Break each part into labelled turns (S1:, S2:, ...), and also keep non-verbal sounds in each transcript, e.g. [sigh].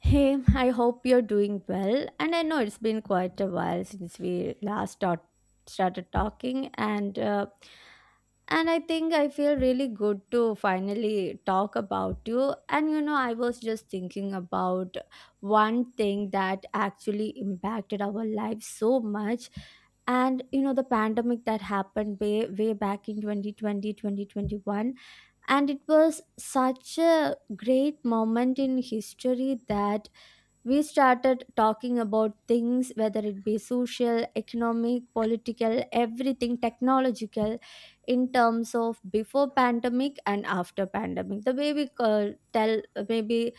S1: Hey, I hope you're doing well. And I know it's been quite a while since we last talked. Started talking and I think I feel really good to finally talk about you. I was just thinking about one thing that actually impacted our lives so much. And the pandemic that happened way, way back in 2020-2021, and it was such a great moment in history that we started talking about things, whether it be social, economic, political, everything technological, in terms of before pandemic and after pandemic. The way we tell, maybe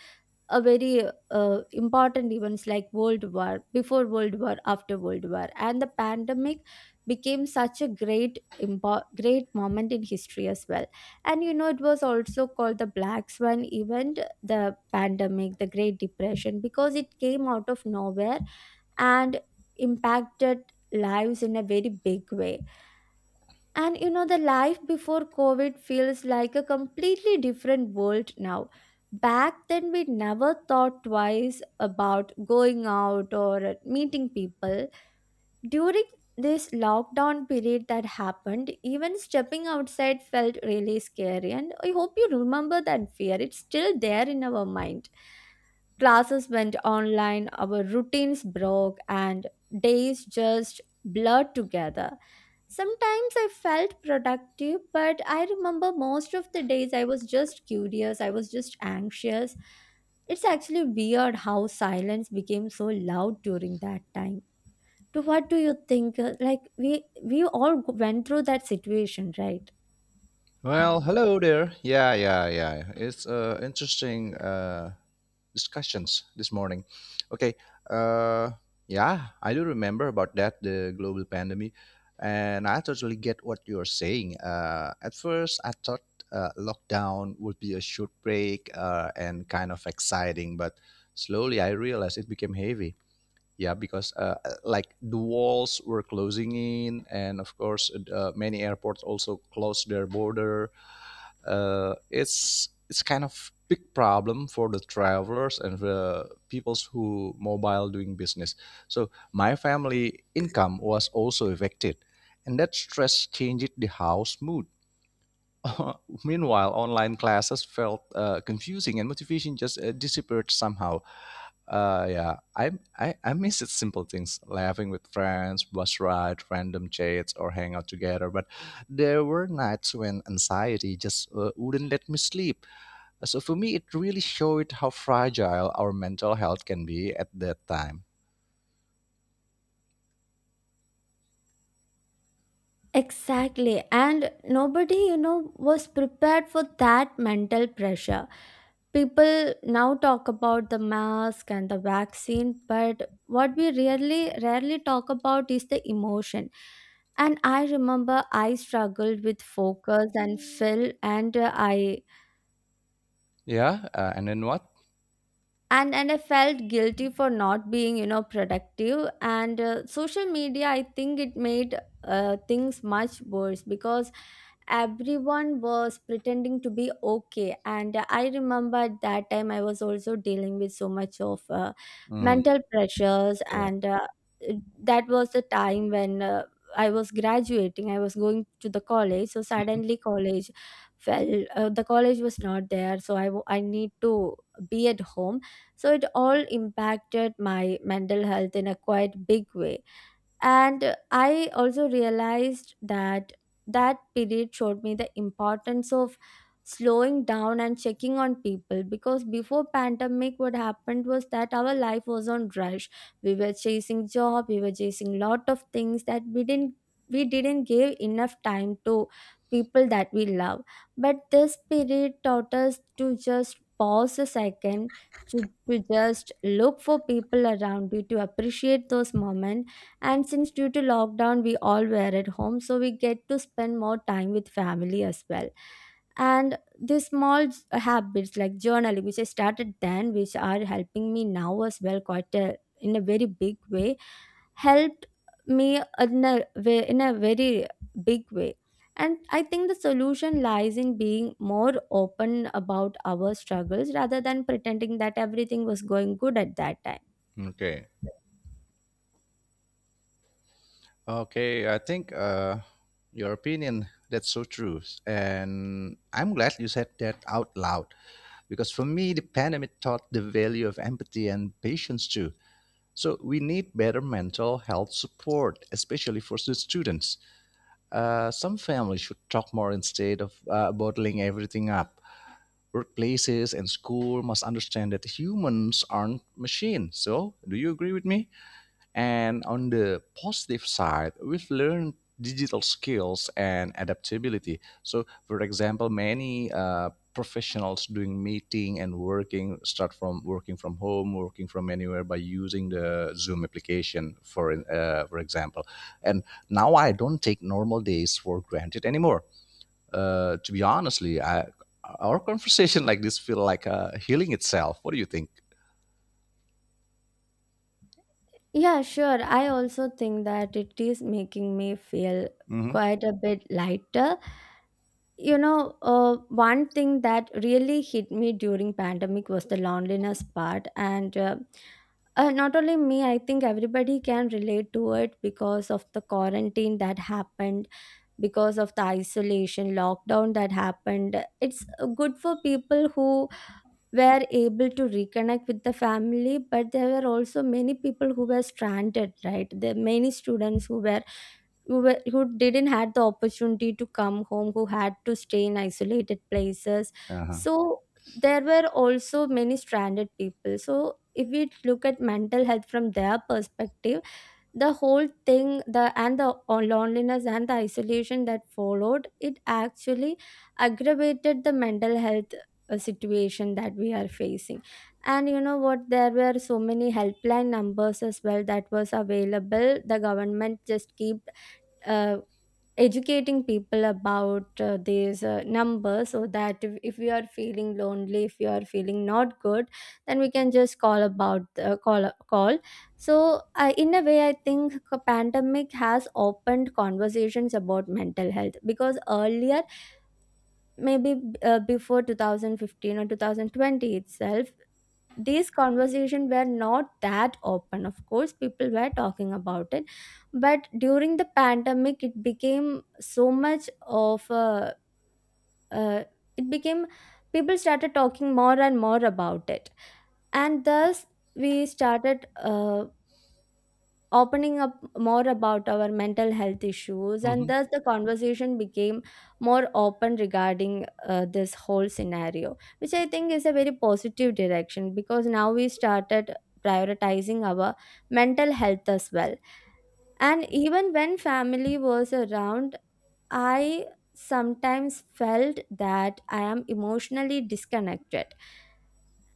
S1: a very important events like world war before world war after world war, and the pandemic became such a great moment in history as well. And it was also called the black swan event, the pandemic, the great depression, because it came out of nowhere and impacted lives in a very big way. And the life before COVID feels like a completely different world now. Back then, we never thought twice about going out or meeting people. During this lockdown period that happened, even stepping outside felt really scary. And I hope you remember that fear, it's still there in our mind. Classes went online, our routines broke, and days just blurred together. Sometimes I felt productive, but I remember most of the days I was just curious, I was just anxious. It's actually weird how silence became so loud during that time. So what do you think? Like we all went through that situation, right?
S2: Well, hello there. Yeah, yeah, yeah. It's interesting discussions this morning. Okay. Uh, yeah, I do remember about that the global pandemic, and I totally get what you're saying. At first, I thought lockdown would be a short break and kind of exciting, but slowly I realized it became heavy. Yeah, because like the walls were closing in, and of course, many airports also closed their border, it's kind of big problem for the travelers and the peoples who mobile doing business, so my family income was also affected, and that stress changed the house mood. [laughs] Meanwhile, online classes felt confusing and motivation just disappeared somehow. Yeah, I miss it simple things, laughing with friends, bus ride, random chats, or hang out together. But there were nights when anxiety just wouldn't let me sleep. So for me, it really showed how fragile our mental health can be at that time.
S1: Exactly. And nobody, was prepared for that mental pressure. People now talk about the mask and the vaccine, but what we really rarely talk about is the emotion. And I remember I struggled with focus and fill, and I
S2: Yeah, and then what?
S1: and I felt guilty for not being productive, and social media I think it made things much worse, because everyone was pretending to be okay. And I remember at that time I was also dealing with so much of
S2: Mm,
S1: mental pressures.
S2: yeah.
S1: And that was the time when I was graduating, I was going to the college, so suddenly college fell, the college was not there, so I need to be at home. So it all impacted my mental health in a quite big way. And I also realized that that period showed me the importance of slowing down and checking on people, because before pandemic what happened was that our life was on rush. We were chasing job, we were chasing lot of things that we didn't give enough time to people that we love. But this period taught us to just pause a second, to just look for people around you to appreciate those moments. And since due to lockdown we all were at home, so we get to spend more time with family as well. And these small habits like journaling, which I started then, which are helping me now as well in a very big way, helped me in a way in a very big way. And I think the solution lies in being more open about our struggles rather than pretending that everything was going good at that time.
S2: Mhm. Okay. Okay. I think your opinion, that's so true, and I'm glad you said that out loud. Because for me, the pandemic taught the value of empathy and patience too. So we need better mental health support, especially for the students. Some families should talk more instead of bottling everything up. Workplaces and school must understand that humans aren't machines. So, do you agree with me? And on the positive side, we've learned digital skills and adaptability. So, for example, many professionals doing meeting and working start from working from home, working from anywhere by using the Zoom application, for example. And now I don't take normal days for granted anymore. To be honestly, I, our conversation [laughs] like this feel like healing itself. What do you think?
S1: Yeah, sure. I also think that it is making me feel
S2: Mm-hmm.
S1: quite a bit lighter. One thing that really hit me during pandemic was the loneliness part, and not only me, I think everybody can relate to it because of the quarantine that happened, because of the isolation lockdown that happened. It's good for people who were able to reconnect with the family, but there were also many people who were stranded, right, there were many students who didn't had the opportunity to come home, who had to stay in isolated places.
S2: Uh-huh.
S1: So there were also many stranded people, so if we look at mental health from their perspective, the whole thing, the loneliness and the isolation that followed it, actually aggravated the mental health situation that we are facing. And you know what, there were so many helpline numbers as well that was available. The government just keep uh, educating people about these numbers, so that if you are feeling lonely, if you are feeling not good, then we can just call about call. So, I in a way, I think a pandemic has opened conversations about mental health, because earlier, maybe before 2015 or 2020 itself, these conversations were not that open. Of course, people were talking about it, but during the pandemic, it became so much of a uh, it became, people started talking more and more about it. And thus we started opening up more about our mental health issues, and
S2: Mm-hmm.
S1: thus the conversation became more open regarding this whole scenario, which I think is a very positive direction, because now we started prioritizing our mental health as well. And even when family was around, I sometimes felt that I am emotionally disconnected.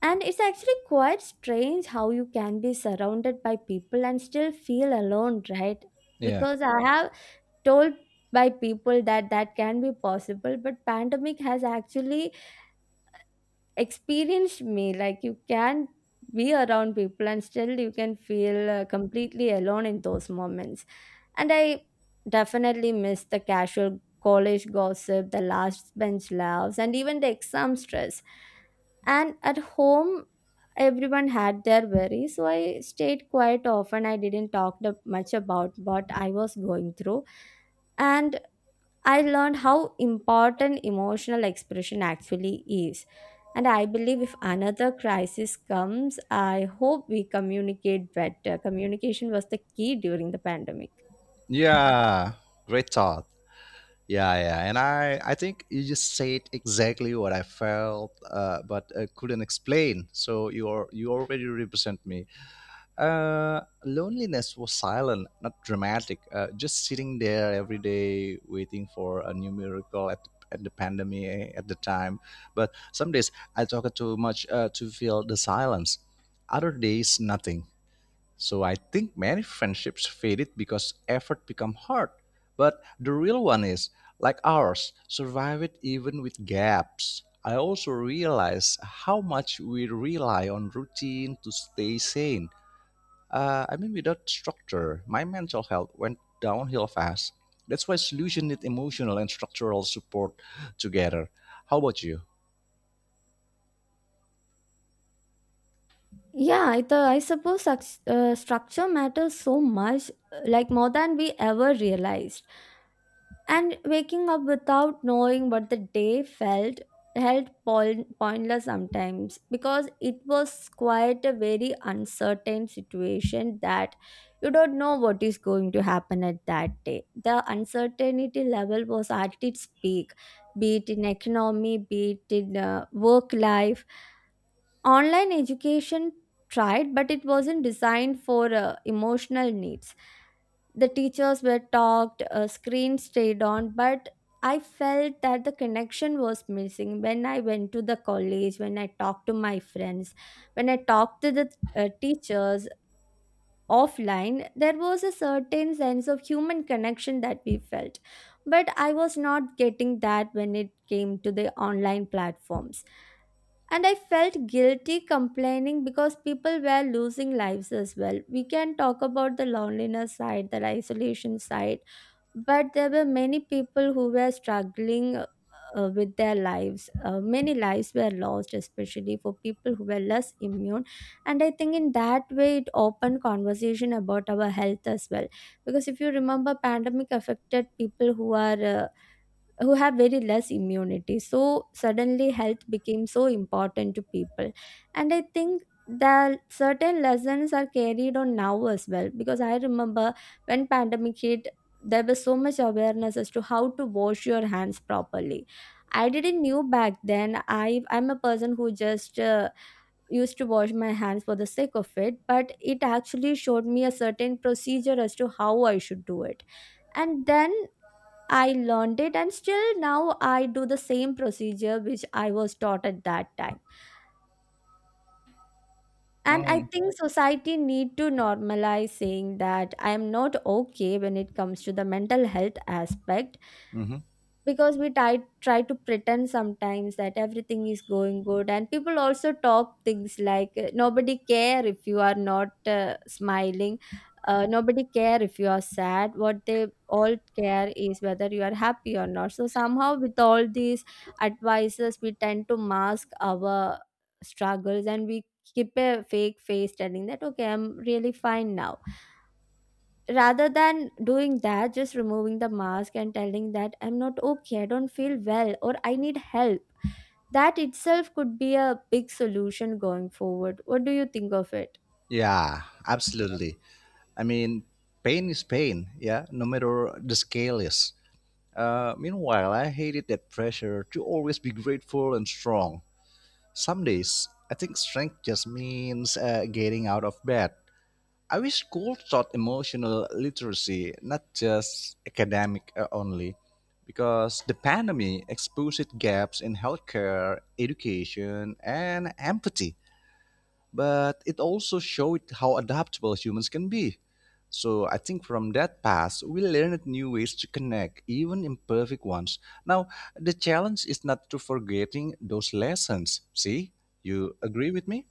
S1: And it's actually quite strange how you can be surrounded by people and still feel alone, right?
S2: Yeah.
S1: Because I have told by people that that can be possible, but pandemic has actually experienced me. Like you can be around people and still you can feel completely alone in those moments. And I definitely miss the casual college gossip, the last bench laughs, and even the exam stress. And at home everyone had their worries, so I stayed quiet often, I didn't talk much about what I was going through. And I learned how important emotional expression actually is. And I believe if another crisis comes, I hope we communicate better. Communication was the key during the pandemic.
S2: Yeah, great thought. Yeah, yeah, and I think you just said exactly what I felt, but couldn't explain. So you are, you already represent me. Loneliness was silent, not dramatic. Just sitting there every day, waiting for a new miracle at the pandemic eh, at the time. But some days I talk too much to fill the silence. Other days, nothing, so I think many friendships faded because effort become hard. But the real one is, like ours, survive it even with gaps. I also realize how much we rely on routine to stay sane. I mean, without structure, my mental health went downhill fast. That's why solution need emotional and structural support together. How about you?
S1: Yeah, I suppose such structure matters so much, like more than we ever realized. And waking up without knowing what the day felt held pointless sometimes, because it was quite a very uncertain situation that you don't know what is going to happen at that day. The uncertainty level was at its peak, be it in economy, be it in work life. Online education tried, but it wasn't designed for emotional needs. The teachers were talked, screens stayed on, but I felt that the connection was missing when I went to the college, when I talked to my friends, when I talked to the teachers offline, there was a certain sense of human connection that we felt. But I was not getting that when it came to the online platforms. And I felt guilty complaining because people were losing lives as well. We can talk about the loneliness side, the isolation side, but there were many people who were struggling with their lives. Many lives were lost, especially for people who were less immune. And I think in that way, it opened conversation about our health as well. Because if you remember, pandemic affected people who are who have very less immunity, so suddenly health became so important to people. And I think that certain lessons are carried on now as well, because I remember when pandemic hit there was so much awareness as to how to wash your hands properly. I didn't knew back then, I'm a person who just used to wash my hands for the sake of it, but it actually showed me a certain procedure as to how I should do it. And then I learned it and still now I do the same procedure which I was taught at that time. And I
S2: Mm.
S1: think society need to normalize saying that I am not okay when it comes to the mental health aspect
S2: Hmm.
S1: because we try to pretend sometimes that everything is going good, and people also talk things like, nobody care if you are not smiling, nobody care if you are sad. What they all care is whether you are happy or not. So somehow, with all these advices, we tend to mask our struggles and we keep a fake face telling that, okay, I'm really fine now, rather than doing that, just removing the mask and telling that I'm not okay, I don't feel well, or I need help. That itself could be a big solution going forward. What do you think of it?
S2: Yeah, absolutely. I mean, pain is pain, yeah, no matter the scale is. Meanwhile, I hated that pressure to always be grateful and strong. Some days, I think strength just means getting out of bed. I wish school taught emotional literacy, not just academic only, because the pandemic exposed gaps in healthcare, education, and empathy, but it also showed how adaptable humans can be. So I think from that past, we learned new ways to connect, even imperfect ones. Now, the challenge is not to forgetting those lessons. See, you agree with me?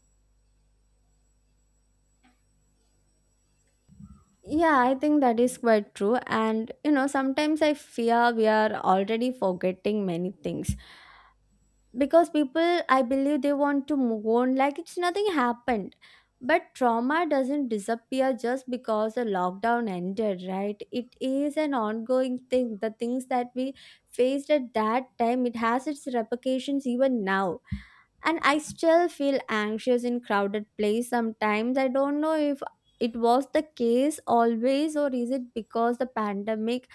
S1: Yeah, I think that is quite true. And you know, sometimes I fear we are already forgetting many things because people, I believe they want to move on like it's nothing happened. But trauma doesn't disappear just because the lockdown ended, right? It is an ongoing thing. The things that we faced at that time, it has its repercussions even now. And I still feel anxious in crowded place sometimes. I don't know if it was the case always, or is it because the pandemic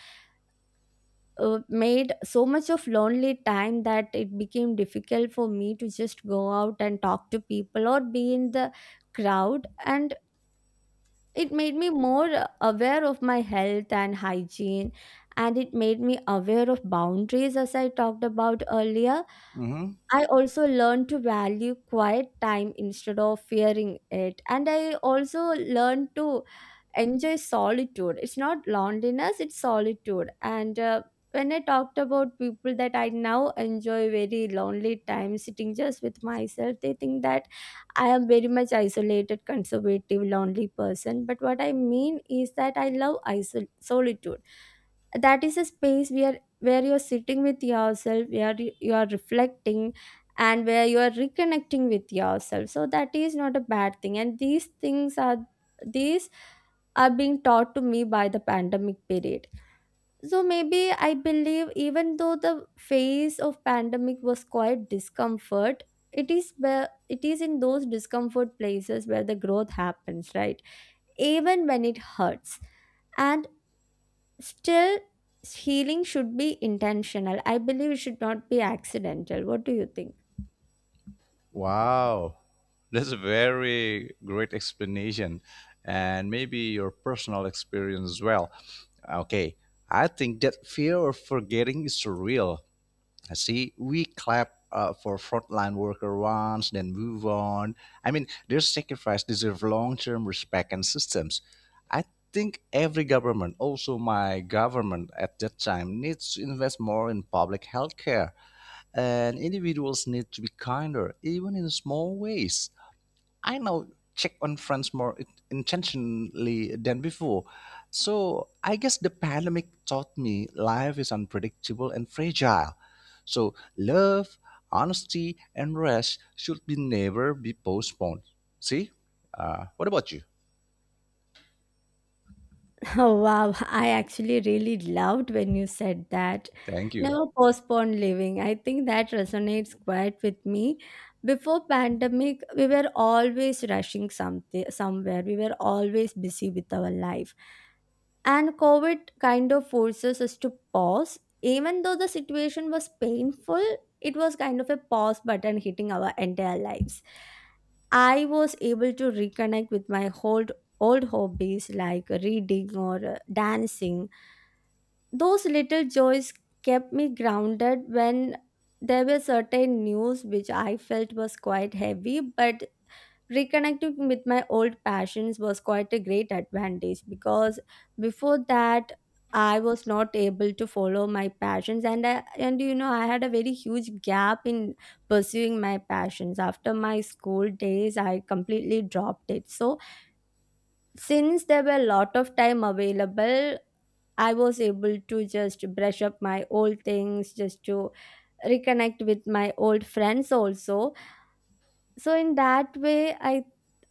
S1: made so much of lonely time that it became difficult for me to just go out and talk to people or be in the crowd. And it made me more aware of my health and hygiene, and it made me aware of boundaries, as I talked about earlier.
S2: Mm-hmm.
S1: I also learned to value quiet time instead of fearing it. And I also learned to enjoy solitude. It's not loneliness, it's solitude. And when I talked about people that I now enjoy very lonely time sitting just with myself, they think that I am very much isolated, conservative, lonely person. But what I mean is that I love solitude. That is a space where you're sitting with yourself, where you are reflecting, and where you are reconnecting with yourself. So that is not a bad thing. And these things are, these are being taught to me by the pandemic period. So maybe I believe, even though the phase of pandemic was quite discomfort, it is where, it is in those discomfort places where the growth happens, right? Even when it hurts. And still, healing should be intentional. I believe it should not be accidental. What do you think?
S2: Wow, that's a very great explanation, and maybe your personal experience as well. Okay, I think that fear of forgetting is real. See, we clap for frontline worker once, then move on. I mean, their sacrifice deserve long-term respect and systems. I think every government, also my government at that time, needs to invest more in public health care, and individuals need to be kinder, even in small ways. I now check on friends more intentionally than before. So I guess the pandemic taught me life is unpredictable and fragile. So love, honesty, and rest should be never be postponed. See? What about you?
S1: [laughs] Oh, wow, I actually really loved when you said that.
S2: Thank you.
S1: Never postpone living. I think that resonates quite with me. Before pandemic, we were always rushing something somewhere. We were always busy with our life. And COVID kind of forces us to pause. Even though the situation was painful, it was kind of a pause button hitting our entire lives. I was able to reconnect with my old hobbies, like reading or dancing. Those little joys kept me grounded when there were certain news which I felt was quite heavy. But reconnecting with my old passions was quite a great advantage, because before that I was not able to follow my passions. And I, and you know, I had a very huge gap in pursuing my passions. After my school days, I completely dropped it. So since there were a lot of time available, I was able to just brush up my old things, just to reconnect with my old friends also. So in that way, i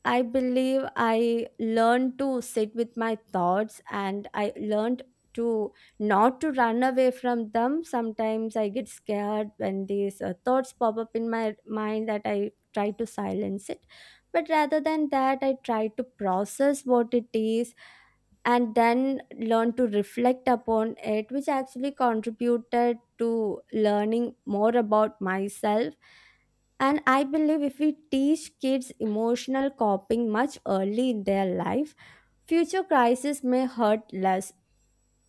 S1: i believe I learned to sit with my thoughts, and I learned to not to run away from them. Sometimes I get scared when these thoughts pop up in my mind that I try to silence it. But rather than that, I try to process what it is, and then learn to reflect upon it, which actually contributed to learning more about myself. And I believe if we teach kids emotional coping much early in their life, future crises may hurt less.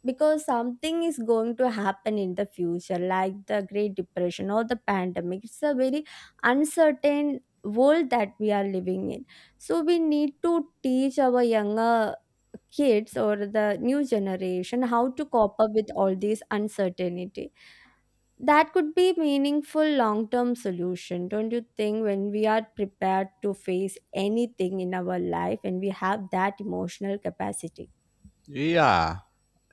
S1: Because something is going to happen in the future, like the great depression or the pandemic. It's a very uncertain world that we are living in. So we need to teach our younger kids or the new generation how to cope up with all these uncertainty. That could be meaningful long term solution, don't you think? When we are prepared to face anything in our life and we have that emotional capacity.
S2: Yeah,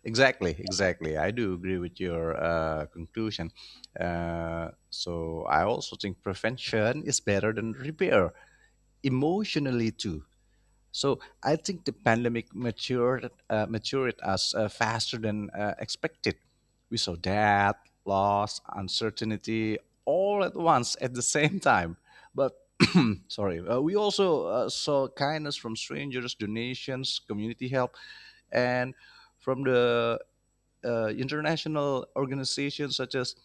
S2: exactly, exactly. I do agree with your conclusion. So I also think prevention is better than repair emotionally too. So I think the pandemic matured us faster than expected. We saw death, loss, uncertainty all at once at the same time. But sorry, we also saw kindness from strangers, donations, community help, and from the international organizations such as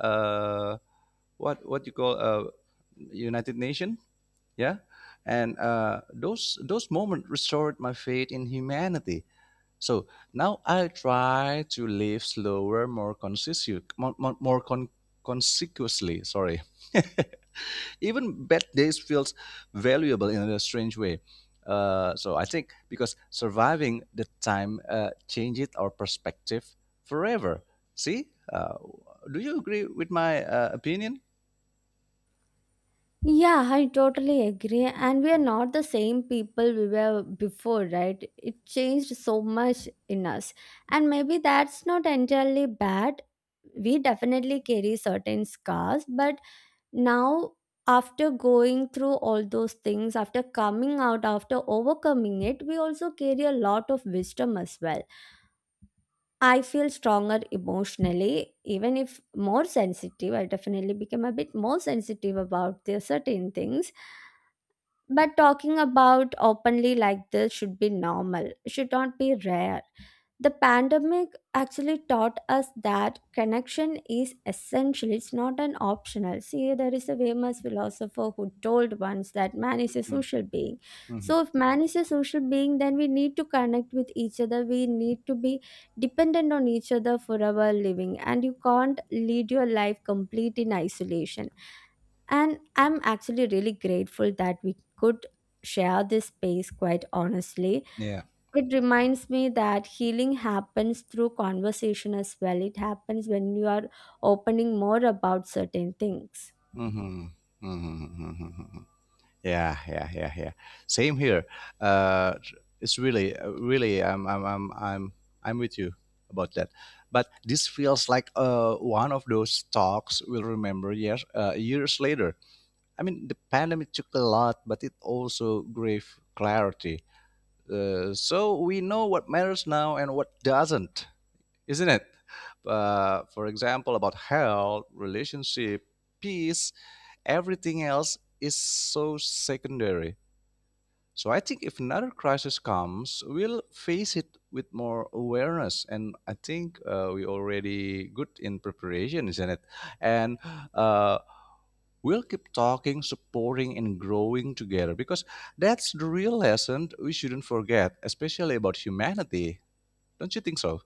S2: uh, what you call United Nations, yeah, and those moments restored my faith in humanity. So now I try to live slower, more conscious, more consequently, sorry. [laughs] Even bad days feels valuable in a strange way. So I think because surviving the time changes our perspective forever. See, do you agree with my opinion?
S1: Yeah, I totally agree. And we are not the same people we were before, right? It changed so much in us. And maybe that's not entirely bad. We definitely carry certain scars, but now, after going through all those things, after coming out, after overcoming it, we also carry a lot of wisdom as well. I feel stronger emotionally, even if more sensitive. I definitely became a bit more sensitive about the certain things, but talking about openly like this should be normal, it should not be rare. The pandemic actually taught us that connection is essential, it's not an optional. See, there is a famous philosopher who told once that man is a social being.
S2: Hmm.
S1: So, if man is a social being, then we need to connect with each other, we need to be dependent on each other for our living, and you can't lead your life complete in isolation. And I'm actually really grateful that we could share this space quite honestly.
S2: Yeah.
S1: It reminds me that healing happens through conversation as well. It happens when you are opening more about certain things.
S2: Hmm. Hmm. Hmm. Yeah, yeah, yeah, yeah. Same here. Uh, it's really, really, I'm with you about that. But this feels like one of those talks we'll remember years later. I mean, the pandemic took a lot, but it also gave clarity. So we know what matters now and what doesn't, isn't it? For example, about health, relationship, peace, everything else is so secondary. So I think if another crisis comes, we'll face it with more awareness, and I think we're already good in preparation, isn't it? And uh, we'll keep talking, supporting, and growing together because that's the real lesson we shouldn't forget, especially about humanity. Don't you think so?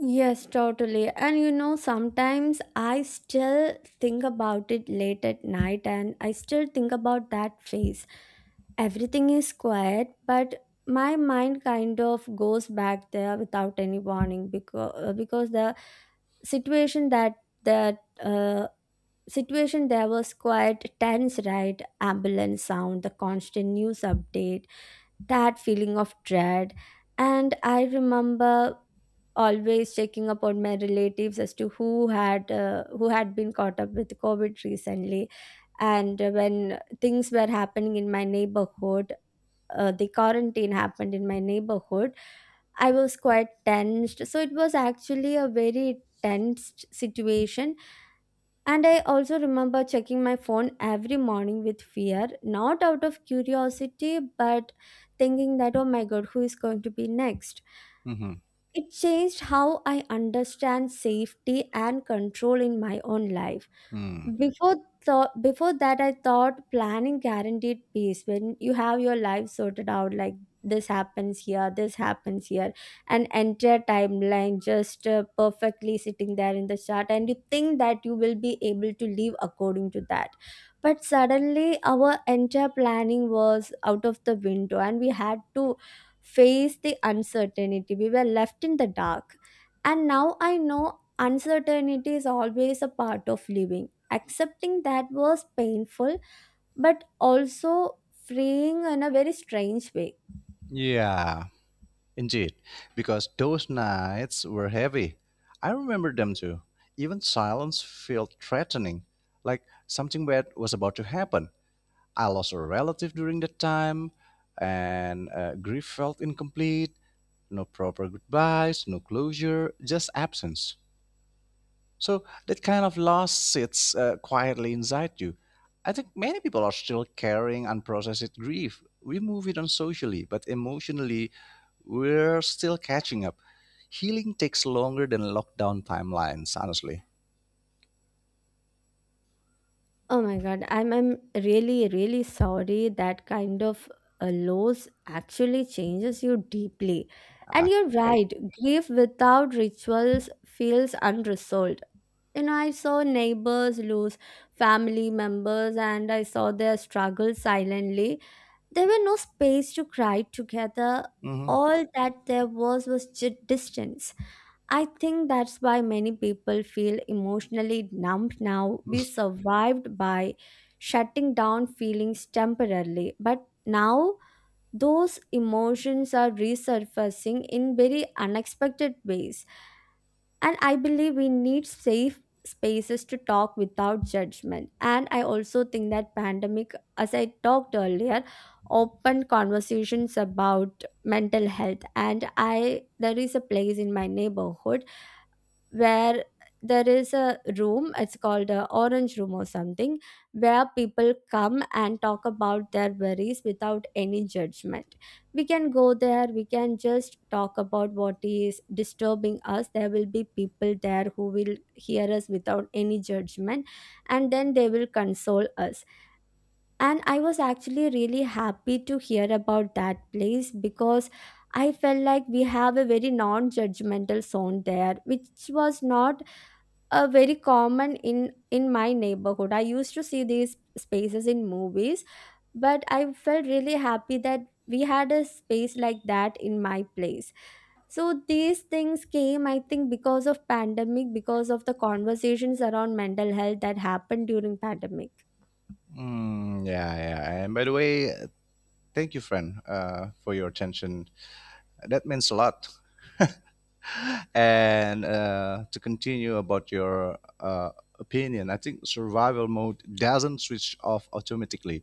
S1: Yes, totally. And you know, sometimes I still think about it late at night, and I still think about that phase. Everything is quiet, but my mind kind of goes back there without any warning. Because the situation that, that situation there was quite tense, right? Ambulance sound, the constant news update, that feeling of dread. And I remember always checking up on my relatives as to who had been caught up with COVID recently. And when things were happening in my neighborhood, the quarantine happened in my neighborhood, I was quite tensed. So it was actually a very tense situation. And I also remember checking my phone every morning with fear, not out of curiosity, but thinking that, oh my god, who is going to be next?
S2: Hmm.
S1: It changed how I understand safety and control in my own life.
S2: Hmm.
S1: Before before that I thought planning guaranteed peace, when you have your life sorted out, like this happens here, this happens here, an entire timeline just perfectly sitting there in the chart, and you think that you will be able to live according to that. But suddenly our entire planning was out of the window, and we had to face the uncertainty. We were left in the dark. And now I know uncertainty is always a part of living. Accepting that was painful, but also freeing in a very strange way.
S2: Yeah. Indeed, because those nights were heavy. I remember them too. Even silence felt threatening, like something bad was about to happen. I lost a relative during that time, and grief felt incomplete. No proper goodbyes, no closure, just absence. So that kind of loss sits quietly inside you. I think many people are still carrying unprocessed grief. We move it on socially, but emotionally, we're still catching up. Healing takes longer than lockdown timelines, honestly.
S1: Oh my god, I'm really really sorry. That kind of a loss actually changes you deeply. And
S2: Ah,
S1: you're
S2: okay.
S1: right, grief without rituals feels unresolved. You know, I saw neighbors lose family members, and I saw their struggle silently. There were no space to cry together.
S2: Hmm.
S1: All that there was distance. I think that's why many people feel emotionally numb now. We survived by shutting down feelings temporarily, but now those emotions are resurfacing in very unexpected ways. And I believe we need safe spaces to talk without judgment. And I also think that pandemic, as I talked earlier, opened conversations about mental health. And I, there is a place in my neighborhood where there is a room, it's called a orange room or something, where people come and talk about their worries without any judgment. We can go there, we can just talk about what is disturbing us. There will be people there who will hear us without any judgment, and then they will console us. And I was actually really happy to hear about that place, because I felt like we have a very non judgmental zone there, which was not a very common in my neighborhood. I used to see these spaces in movies, but I felt really happy that we had a space like that in my place. So these things came, I think, because of pandemic, because of the conversations around mental health that happened during pandemic.
S2: Mm, yeah, yeah. And by the way, thank you, friend, for your attention. That means a lot. And to continue about your opinion, I think survival mode doesn't switch off automatically.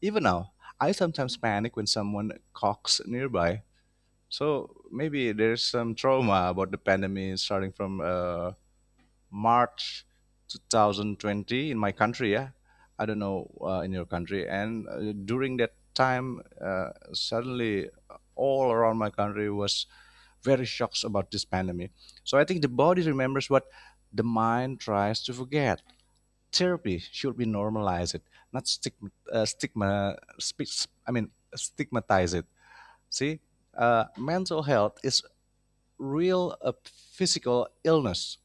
S2: Even now, I sometimes panic when someone coughs nearby. So maybe there's some trauma about the pandemic starting from March 2020 in my country. Yeah, I don't know in your country. And during that time, suddenly all around my country was very shocked about this pandemic. So I think the body remembers what the mind tries to forget. Therapy should be normalize it, not stigma, stigma I mean stigmatize it. See, mental health is real a physical illness.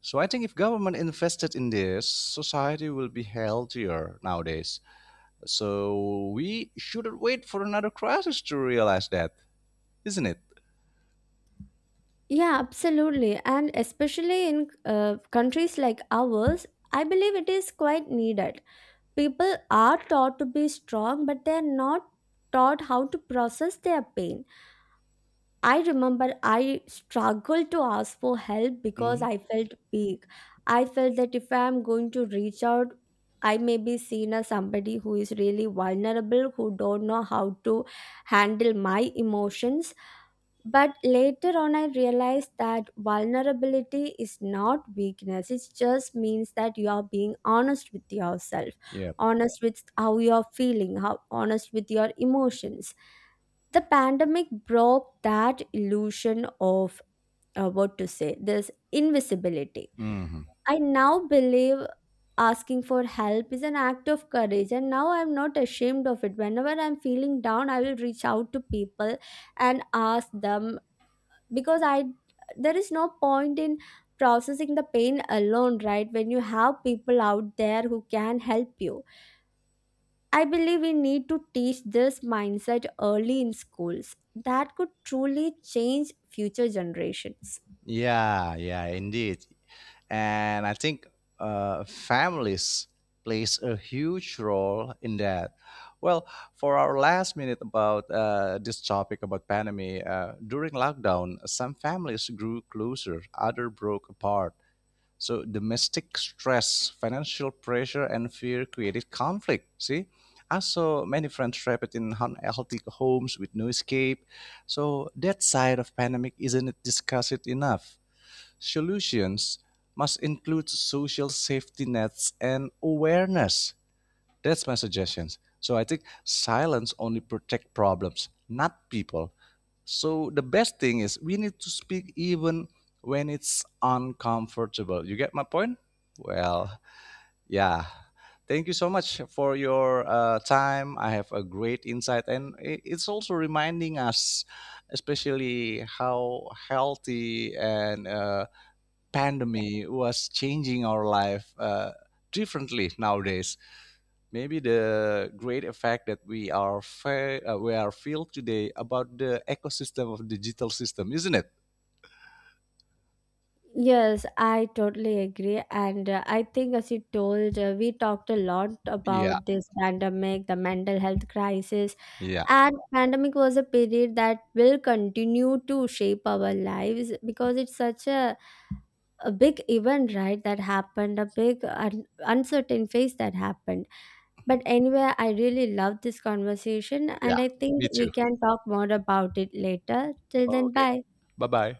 S2: So I think if government invested in this, society will be healthier nowadays. So we shouldn't wait for another crisis to realize that, isn't it?
S1: Yeah, absolutely. And especially in countries like ours, I believe it is quite needed. People are taught to be strong, but they are not taught how to process their pain. I remember I struggled to ask for help because
S2: Hmm.
S1: I felt weak. I felt that if I am going to reach out, I may be seen as somebody who is really vulnerable, who don't know how to handle my emotions. But later on, I realized that vulnerability is not weakness. It just means that you are being honest with yourself,
S2: Yeah.
S1: honest with how you are feeling, how honest with your emotions. The pandemic broke that illusion of, what to say, this invisibility.
S2: Hmm.
S1: I now believe asking for help is an act of courage, and now I'm not ashamed of it. Whenever I'm feeling down, I will reach out to people and ask them, because I, there is no point in processing the pain alone, right? When you have people out there who can help you, I believe we need to teach this mindset early in schools. That could truly change future generations.
S2: Yeah, yeah, indeed. And I think families plays a huge role in that. Well, for our last minute about this topic about pandemic, during lockdown, some families grew closer, other broke apart. So domestic stress, financial pressure, and fear created conflict. See, I saw many friends trapped in unhealthy homes with no escape. So that side of pandemic isn't discussed enough. Solutions must include social safety nets and awareness. That's my suggestion. So I think silence only protect problems, not people. So the best thing is we need to speak even when it's uncomfortable. You get my point? Well, yeah. Thank you so much for your time. I have a great insight, and it's also reminding us, especially how healthy and pandemic was changing our life differently nowadays. Maybe the great effect that we are we are feel today about the ecosystem of digital system, isn't it?
S1: Yes, I totally agree. And I think, as you told, we talked a lot
S2: Yeah,
S1: about this pandemic, the mental health crisis.
S2: yeah,
S1: And pandemic was a period that will continue to shape our lives, because it's such a big event, right? That happened, a big uncertain phase that happened. But anyway, I really love this conversation,
S2: yeah.
S1: and I think
S2: Me too.
S1: we can talk more about it later. Till then, bye.
S2: Bye bye.